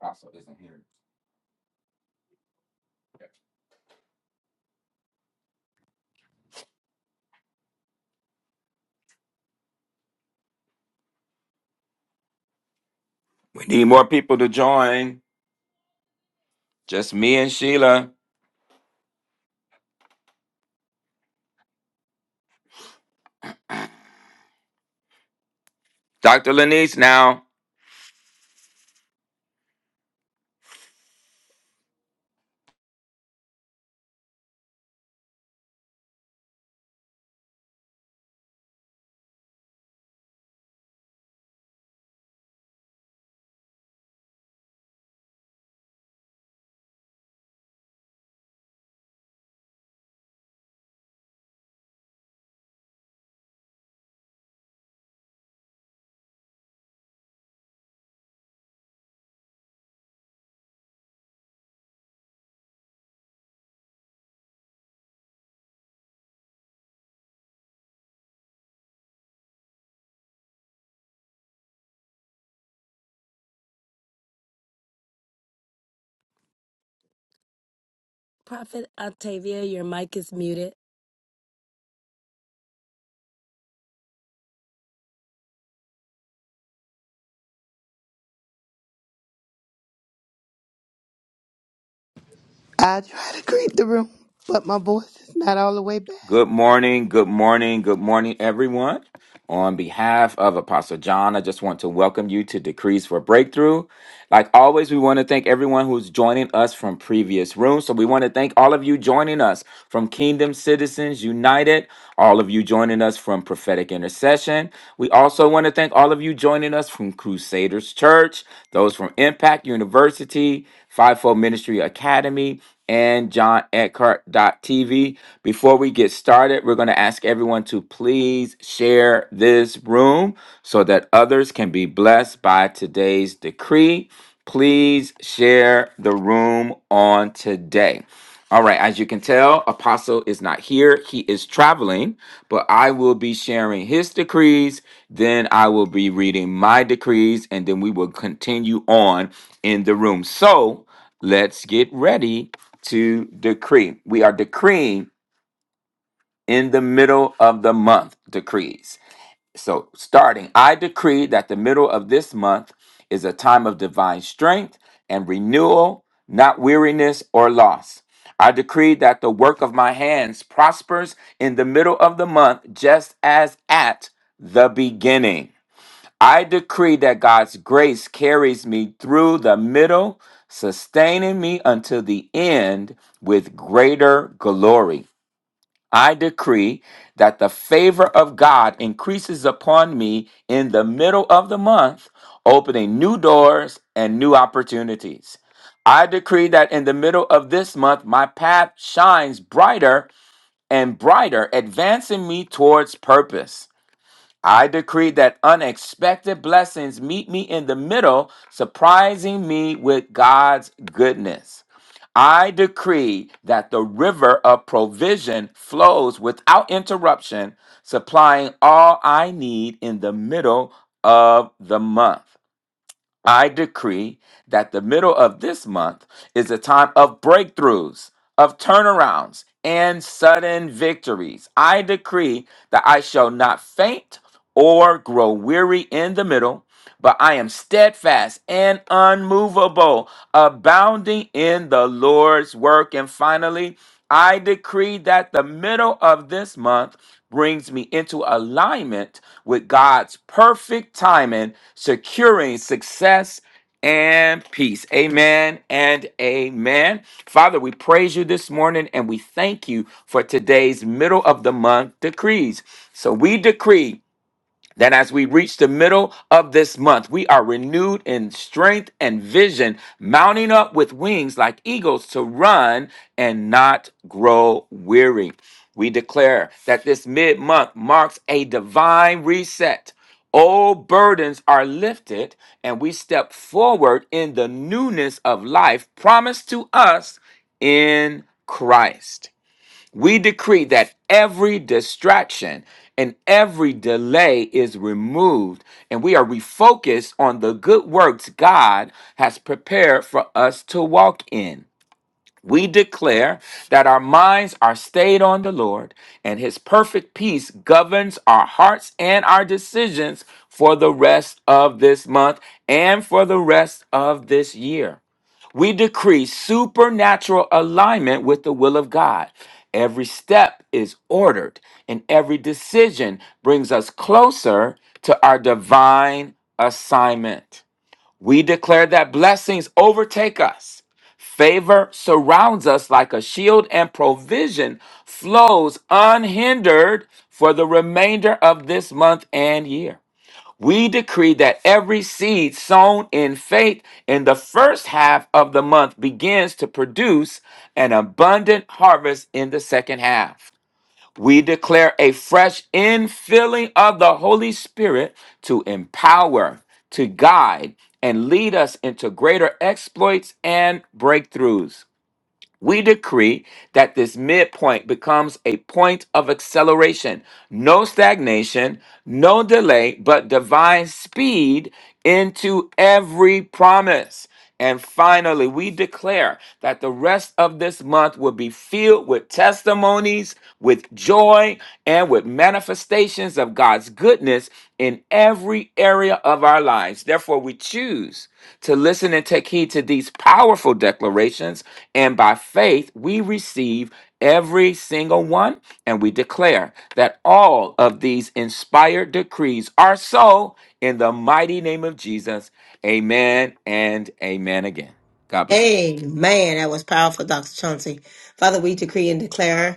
Apostle isn't here. Okay. We need more people to join. Just me and Sheila. Dr. Lanice now. Prophet Octavia, your mic is muted. I try to greet the room, but my voice is not all the way back. Good morning, good morning, good morning, everyone. On behalf of Apostle John, I just want to welcome you to Decrees for Breakthrough. Like always, we want to thank everyone who's joining us from previous rooms. So we want to thank all of you joining us from Kingdom Citizens United, all of you joining us from Prophetic Intercession. We also want to thank all of you joining us from Crusaders Church. Those from Impact University, Fivefold Ministry Academy, and John Eckhart TV. Before we get started, we're going to ask everyone to please share this room so that others can be blessed by today's decree. Please share the room on today. All right, as you can tell, Apostle is not here. He is traveling, but I will be sharing his decrees. Then I will be reading my decrees, and then we will continue on in the room. So let's get ready to decree. We are decreeing in the middle of the month decrees. So, starting, I decree that the middle of this month is a time of divine strength and renewal, not weariness or loss. I decree that the work of my hands prospers in the middle of the month, just as at the beginning. I decree that God's grace carries me through the middle, sustaining me until the end with greater glory. I decree that the favor of God increases upon me in the middle of the month, opening new doors and new opportunities. I decree that in the middle of this month, my path shines brighter and brighter, advancing me towards purpose. I decree that unexpected blessings meet me in the middle, surprising me with God's goodness. I decree that the river of provision flows without interruption, supplying all I need in the middle of the month. I decree that the middle of this month is a time of breakthroughs, of turnarounds, and sudden victories. I decree that I shall not faint or grow weary in the middle but I am steadfast and unmovable, abounding in the Lord's work. And finally, I decree that the middle of this month brings me into alignment with God's perfect timing, securing success and peace. Amen and amen. Father, we praise you this morning and we thank you for today's middle of the month decrees. So we decree that as we reach the middle of this month, we are renewed in strength and vision, mounting up with wings like eagles to run and not grow weary. We declare that this mid month marks a divine reset. Old burdens are lifted, and we step forward in the newness of life promised to us in Christ. We decree that every distraction and every delay is removed, and we are refocused on the good works God has prepared for us to walk in. We declare that our minds are stayed on the Lord, and His perfect peace governs our hearts and our decisions for the rest of this month and for the rest of this year. We decree supernatural alignment with the will of God. Every step is ordered, and every decision brings us closer to our divine assignment. We declare that blessings overtake us. Favor surrounds us like a shield, and provision flows unhindered for the remainder of this month and year. We decree that every seed sown in faith in the first half of the month begins to produce an abundant harvest in the second half. We declare a fresh infilling of the Holy Spirit to empower, to guide, and lead us into greater exploits and breakthroughs. We decree that this midpoint becomes a point of acceleration, no stagnation, no delay, but divine speed into every promise. And finally, we declare that the rest of this month will be filled filled with testimonies, with joy, and with manifestations of God's goodness in every area of our lives. Therefore, we choose to listen and take heed to these powerful declarations, and by faith, we receive every single one, and we declare that all of these inspired decrees are so in the mighty name of Jesus. Amen and amen again. God bless. Amen. That was powerful, Dr. Chauncey. Father, we decree and declare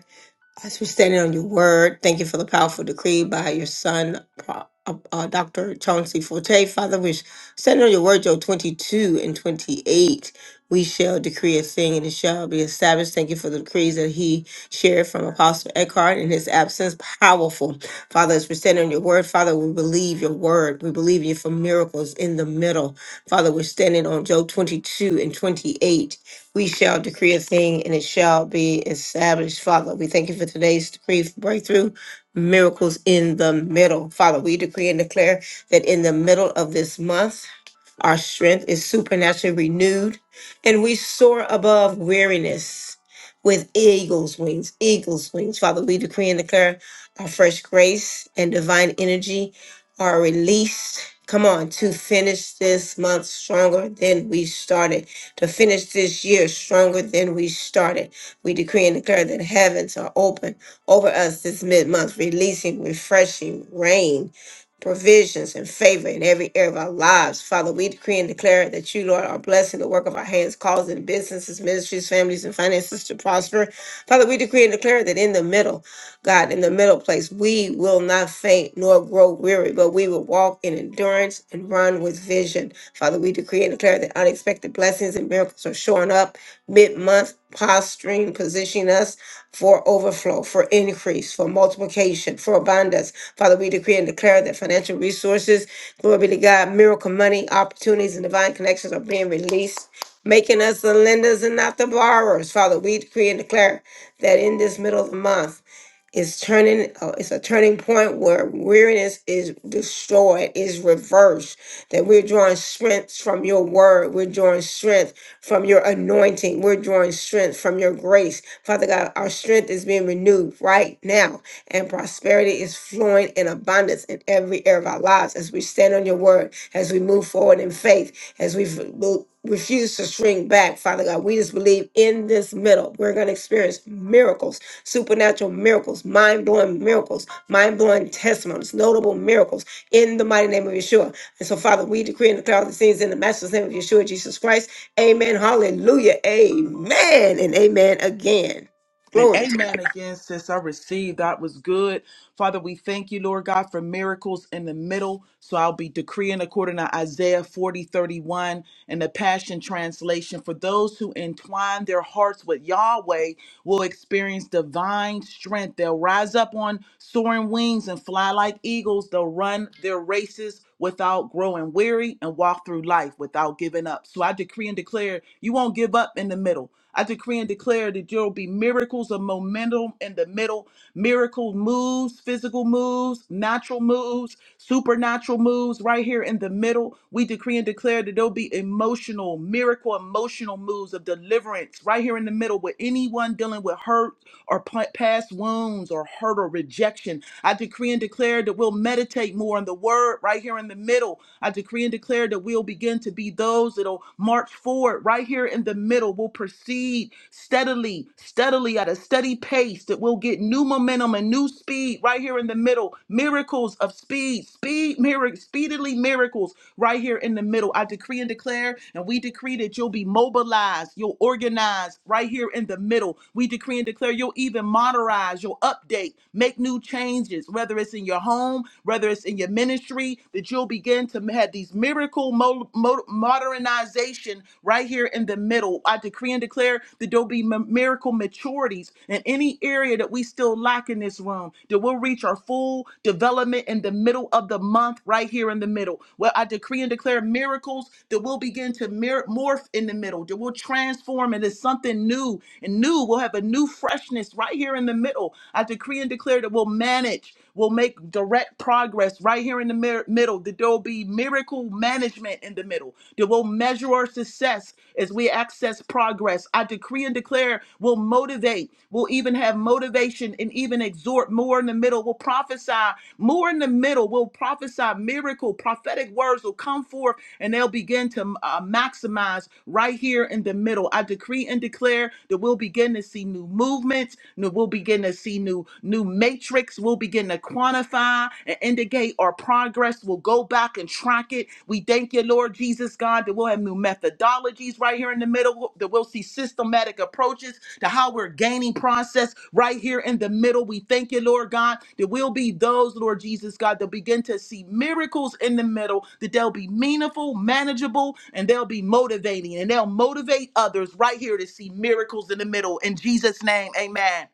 as we stand on your word, thank you for the powerful decree by your son, Pro- uh, uh, Dr. Chauncey Forte. Father, we stand on your word, Joe 22 and 28. We shall decree a thing and it shall be established. Thank you for the decrees that he shared from Apostle Eckhart in his absence. Powerful. Father, as we stand on your word, Father, we believe your word. We believe you for miracles in the middle. Father, we're standing on Joe 22 and 28 we shall decree a thing and it shall be established. Father, we thank you for today's decree for breakthrough, miracles in the middle. Father, we decree and declare that in the middle of this month, our strength is supernaturally renewed and we soar above weariness with eagle's wings, eagle's wings. Father, we decree and declare our fresh grace and divine energy are released. Come on, to finish this month stronger than we started to finish this year stronger than we started. We decree and declare that heavens are open over us this mid month, releasing refreshing rain. Provisions and favor in every area of our lives. Father, we decree and declare that you, Lord, are blessing the work of our hands, causing businesses, ministries, families, and finances to prosper. Father, we decree and declare that in the middle, God, in the middle place. We will not faint nor grow weary, but we will walk in endurance and run with vision. Father, we decree and declare that unexpected blessings and miracles are showing up mid month, posturing, positioning us for overflow, for increase, for multiplication, for abundance. Father, we decree and declare that financial resources, glory be to God, miracle money, opportunities, and divine connections are being released. Making us the lenders and not the borrowers. Father, we decree and declare that in this middle of the month, it's turning. uh, It's a turning point where weariness is destroyed, is reversed. That we're drawing strength from your word. We're drawing strength from your anointing. We're drawing strength from your grace, Father God. Our strength is being renewed right now, and prosperity is flowing in abundance in every area of our lives as we stand on your word, as we move forward in faith, as we f- mo- refuse to shrink back, Father God. We just believe in this middle, we're going to experience miracles supernatural miracles, mind blowing miracles, mind blowing testimonies, notable miracles in the mighty name of Yeshua. And so, Father, we decree and declare the things in the master's name of Yeshua, Jesus Christ. Amen. Hallelujah. Amen. And amen again. And Glory to God. amen again, Since I received that was good. Father, we thank you, Lord God, for miracles in the middle. So I'll be decreeing according to Isaiah 40 31 and the Passion Translation. For those who entwine their hearts with Yahweh, will experience divine strength. They'll rise up on soaring wings and fly like eagles. They'll run their races without growing weary and walk through life without giving up. So I decree and declare you won't give up in the middle. I decree and declare that there will be miracles of momentum in the middle, miracle moves, physical moves, natural moves, supernatural moves right here in the middle. We decree and declare that there'll be emotional, miracle emotional moves of deliverance right here in the middle with anyone dealing with hurt or pa- past wounds or hurt or rejection. I decree and declare that we'll meditate more on the word right here in the middle. I decree and declare that we'll begin to be those that'll march forward right here in the middle. We'll proceed steadily, steadily at a steady pace that we'll get new momentum and new speed right here in the middle. Miracles of speed, speed, miracles, speedily miracles right here in the middle. I decree and declare, and we decree that you'll be mobilized, you'll organize right here in the middle. We decree and declare you'll even modernize, you'll update, make new changes, whether it's in your home, whether it's in your ministry, that you'll begin to have these miracle mo- mo- modernization right here in the middle. I decree and declare that there'll be m- miracle maturities giftings and any area that we still lack in this room, that we'll reach our full development in the middle of the month, right here in the middle. Well, I decree and declare miracles that will begin to mir- morph in the middle, that will transform into something new and new. We'll have a new freshness right here in the middle. I decree and declare that we'll manage will make direct progress right here in the mir- middle. That there will be miracle management in the middle. That we'll measure our success as we access progress. I decree and declare we'll motivate. We'll even have motivation and even exhort more in the middle. We'll prophesy more in the middle. We'll prophesy miracle. Prophetic words will come forth and they'll begin to uh, maximize right here in the middle. I decree and declare that we'll begin to see new movements, that we'll begin to see new new matrix will begin to quantify and indicate our progress. We'll go back and track it. We thank you, Lord Jesus God, that we'll have new methodologies right here in the middle, that we'll see systematic approaches to how we're gaining process right here in the middle. We thank you, Lord God, that we'll be those, Lord Jesus God, that begin to see miracles in the middle, that they'll be meaningful, manageable, and they'll be motivating, and they'll motivate others right here to see miracles in the middle. In Jesus' name, amen.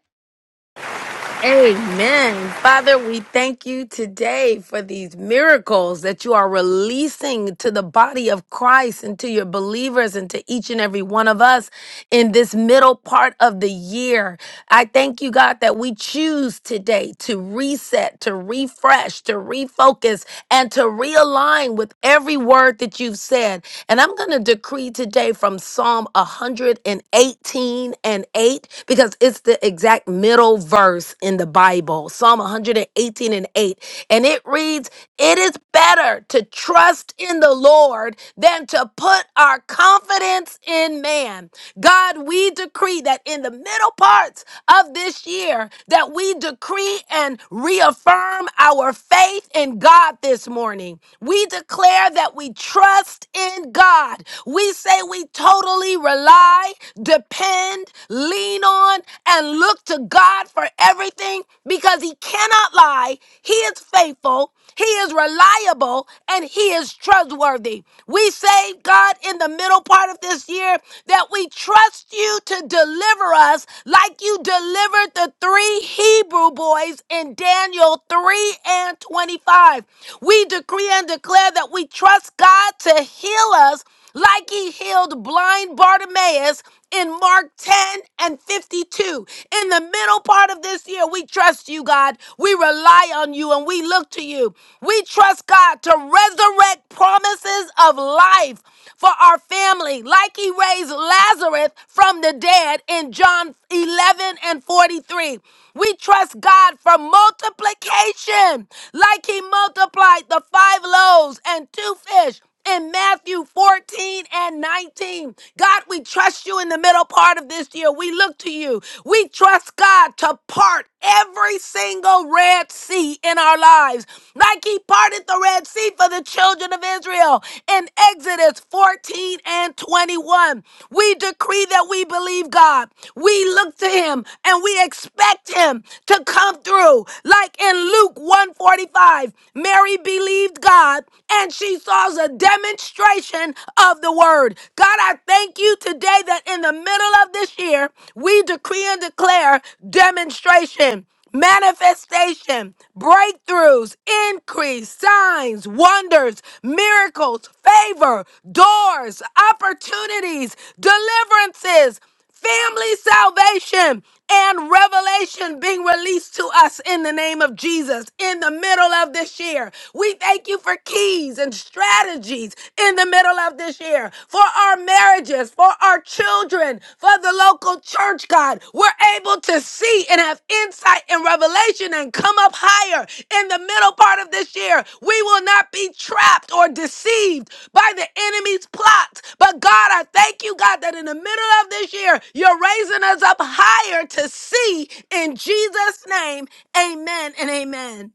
Amen. Father, we thank you today for these miracles that you are releasing to the body of Christ and to your believers and to each and every one of us in this middle part of the year. I thank you, God, that we choose today to reset, to refresh, to refocus, and to realign with every word that you've said. And I'm going to decree today from Psalm 118 one hundred eighteen and 8 because it's the exact middle verse in the Bible, Psalm 118 and 8. And it reads, It is better to trust in the Lord than to put our confidence in man. God, we decree that in the middle parts of this year, that we decree and reaffirm our faith in God this morning. We declare that we trust in God we say we totally rely, depend, lean on, and look to God for everything because He cannot lie. He is faithful, He is reliable, and He is trustworthy. We say, God, in the middle part of this year, that we trust you to deliver us like you delivered the three Hebrew boys in Daniel 3 and 25. We decree and declare that we trust God to heal us like he healed blind Bartimaeus in Mark 10 and 52. In the middle part of this year, we trust you, God. We rely on you and we look to you. We trust God to resurrect promises of life for our family, like he raised Lazarus from the dead in John 11 and 43. We trust God for multiplication, like he multiplied the five loaves and two fish in Matthew 14 and 19. God, we trust you in the middle part of this year. We look to you. We trust God to part every single Red Sea in our lives, like He parted the Red Sea for the children of Israel in Exodus 14 and 21. We decree that we believe God. We look to Him and we expect Him to come through, like like in Luke 145, Mary believed God and she saw a demonstration of the word. God, I thank you today that in the middle of this year, we decree and declare demonstration manifestation, breakthroughs, increase, signs, wonders, miracles, favor, doors, opportunities, deliverances family salvation and revelation being released to us in the name of Jesus in the middle of this year. We thank you for keys and strategies in the middle of this year for our marriages, for our children, for the local church, God. We're able to see and have insight and revelation and come up higher in the middle part of this year. We will not be trapped or deceived by the enemy's plots. But God, I thank you, God, that in the middle of this year, you're raising us up higher to see in Jesus' name. Amen and amen.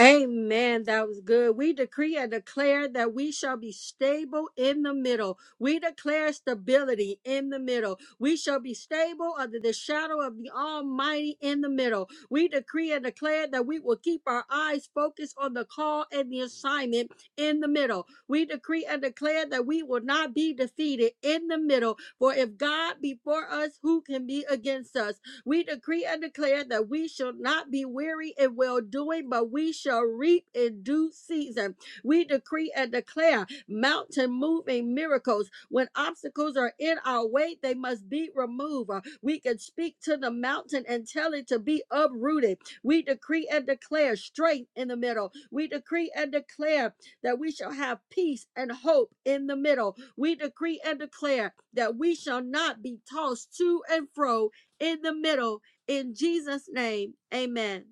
Amen. That was good. We decree and declare that we shall be stable in the middle. We declare stability in the middle. We shall be stable under the shadow of the Almighty in the middle. We decree and declare that we will keep our eyes focused on the call and the assignment in the middle. We decree and declare that we will not be defeated in the middle. For if God be for us, who can be against us? We decree and declare that we shall not be weary in well doing, but we shall reap in due season. We decree and declare mountain moving miracles. When obstacles are in our way, they must be removed. Uh, We can speak to the mountain and tell it to be uprooted. We decree and declare strength in the middle. We decree and declare that we shall have peace and hope in the middle. We decree and declare that we shall not be tossed to and fro in the middle. In Jesus' name, amen.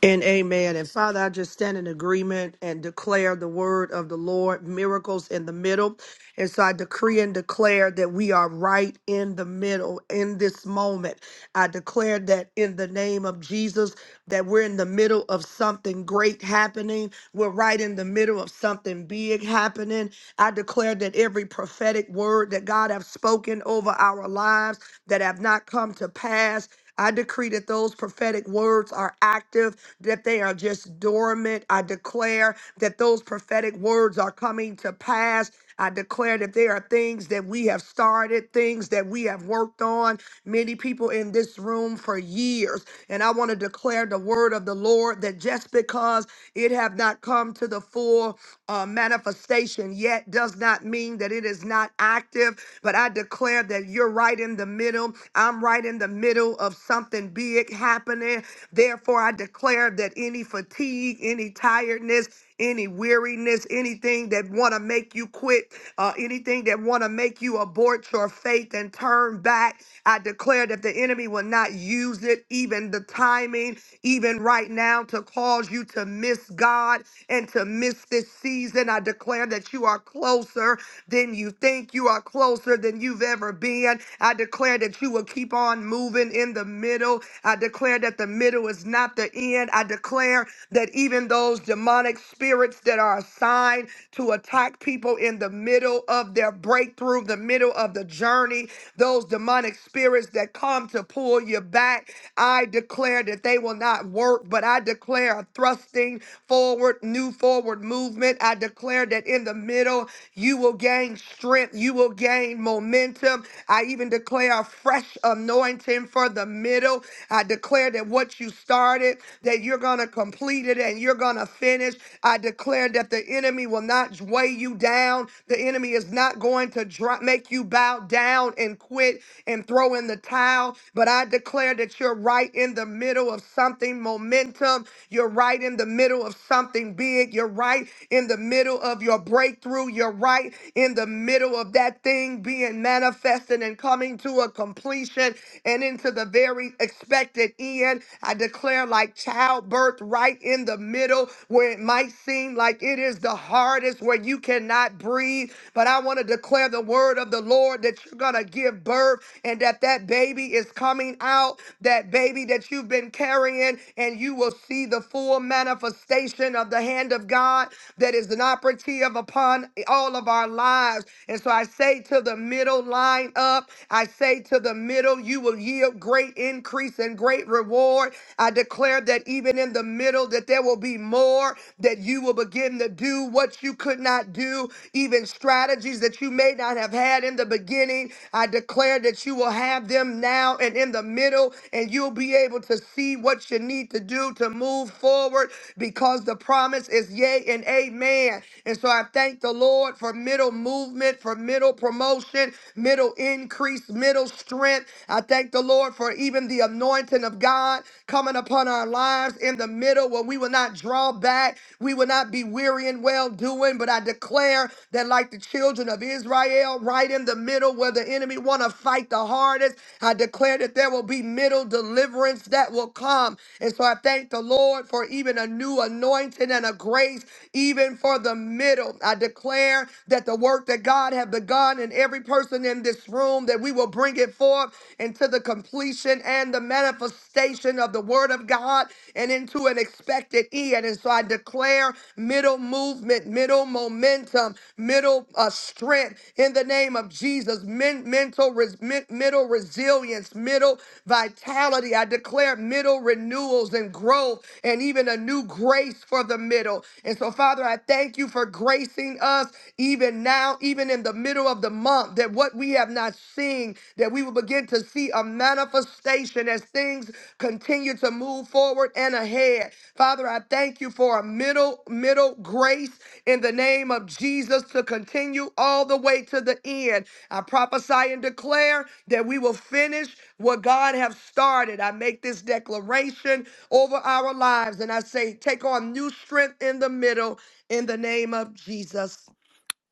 And amen. And Father, I just stand in agreement and declare the word of the Lord, miracles in the middle. And so I decree and declare that we are right in the middle in this moment. I declare that in the name of Jesus, that we're in the middle of something great happening. We're right in the middle of something big happening. I declare that every prophetic word that God have spoken over our lives that have not come to pass, I decree that those prophetic words are active that they are just dormant. I declare that those prophetic words are coming to pass. I declare that there are things that we have started, things that we have worked on, many people in this room for years. And I want to declare the word of the Lord that just because it have not come to the full uh, manifestation yet does not mean that it is not active. But I declare that you're right in the middle. I'm right in the middle of something big happening. Therefore, I declare that any fatigue, any tiredness, any weariness, anything that want to make you quit, uh, anything that want to make you abort your faith and turn back, I declare that the enemy will not use it, even the timing, even right now, to cause you to miss God and to miss this season. I declare that you are closer than you think. You are closer than you've ever been. I declare that you will keep on moving in the middle. I declare that the middle is not the end. I declare that even those demonic spirits that are assigned to attack people in the middle of their breakthrough, the middle of the journey, those demonic spirits that come to pull you back, I declare that they will not work, but I declare a thrusting forward, new forward movement. I declare that in the middle, you will gain strength, you will gain momentum. I even even declare a fresh anointing for the middle. I declare that what you started, that you're going to complete it and you're going to finish. I declare that the enemy will not weigh you down. The enemy is not going to dr- make you bow down and quit and throw in the towel. But I declare that you're right in the middle of something momentum. You're right in the middle of something big. You're right in the middle of your breakthrough. You're right in the middle of that of that thing being manifested and coming to a completion and into the very expected end. I declare like childbirth right in the middle where it might seem like it is the hardest where you cannot breathe. But I want to declare the word of the Lord that you're going to give birth and that that baby is coming out, that baby that you've been carrying, and you will see the full manifestation of the hand of God that is an operative upon upon all of our lives. And so I say to the middle, line up. I say to the middle, you will yield great increase and great reward. I declare that even in the middle, that there will be more, that you will begin to do what you could not do, even strategies that you may not have had in the beginning. I declare that you will have them now and in the middle, and you'll be able to see what you need to do to move forward because the promise is yes is yea and amen. And so I thank the Lord for middle movement, for middle promotion, middle increase, middle strength. I thank the Lord for even the anointing of God coming upon our lives in the middle where we will not draw back, we will not be weary in well doing. But I declare that, like the children of Israel, right in the middle where the enemy want to fight the hardest, I declare that there will be middle deliverance that will come. And so I thank the Lord. Lord, for even a new anointing and a grace, even for the middle. I declare that the work that God have begun in every person in this room, that we will bring it forth into the completion and the manifestation of the word of God and into an expected end. And so I declare middle movement, middle momentum, middle uh, strength in the name of Jesus, men- mental res- men- middle resilience, middle vitality. I declare declared middle renewals and growth and even a new grace for the middle. And so, Father, I thank you for gracing us even now, even in the middle of the month, that what we have not seen, that we will begin to see a manifestation as things continue to move forward and ahead. Father, I thank you for a middle, middle grace in the name of Jesus to continue all the way to the end. I prophesy and declare that we will finish what God have started, I make this declaration over our lives and I say, take on new strength in the middle in the name of Jesus.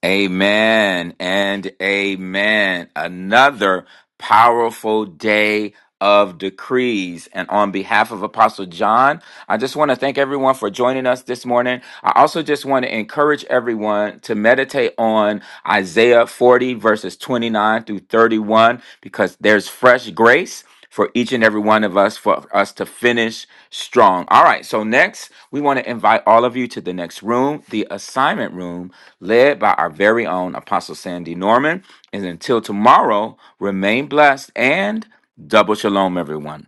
Amen and amen. Another powerful day of decrees. And on behalf of Apostle John, I just want to thank everyone for joining us this morning. I also just want to encourage everyone to meditate on Isaiah 40, verses 29 through 31, because there's fresh grace for each and every one of us for us to finish strong. All right, so next, we want to invite all of you to the next room, the assignment room, led by our very own Apostle Sandy Norman. And until tomorrow, remain blessed and double shalom, everyone.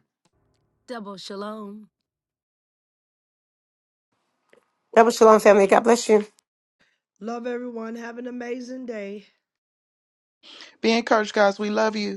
Double shalom. That was Shalom, family. God bless you. Love everyone. Have an amazing day. Be encouraged, guys. We love you.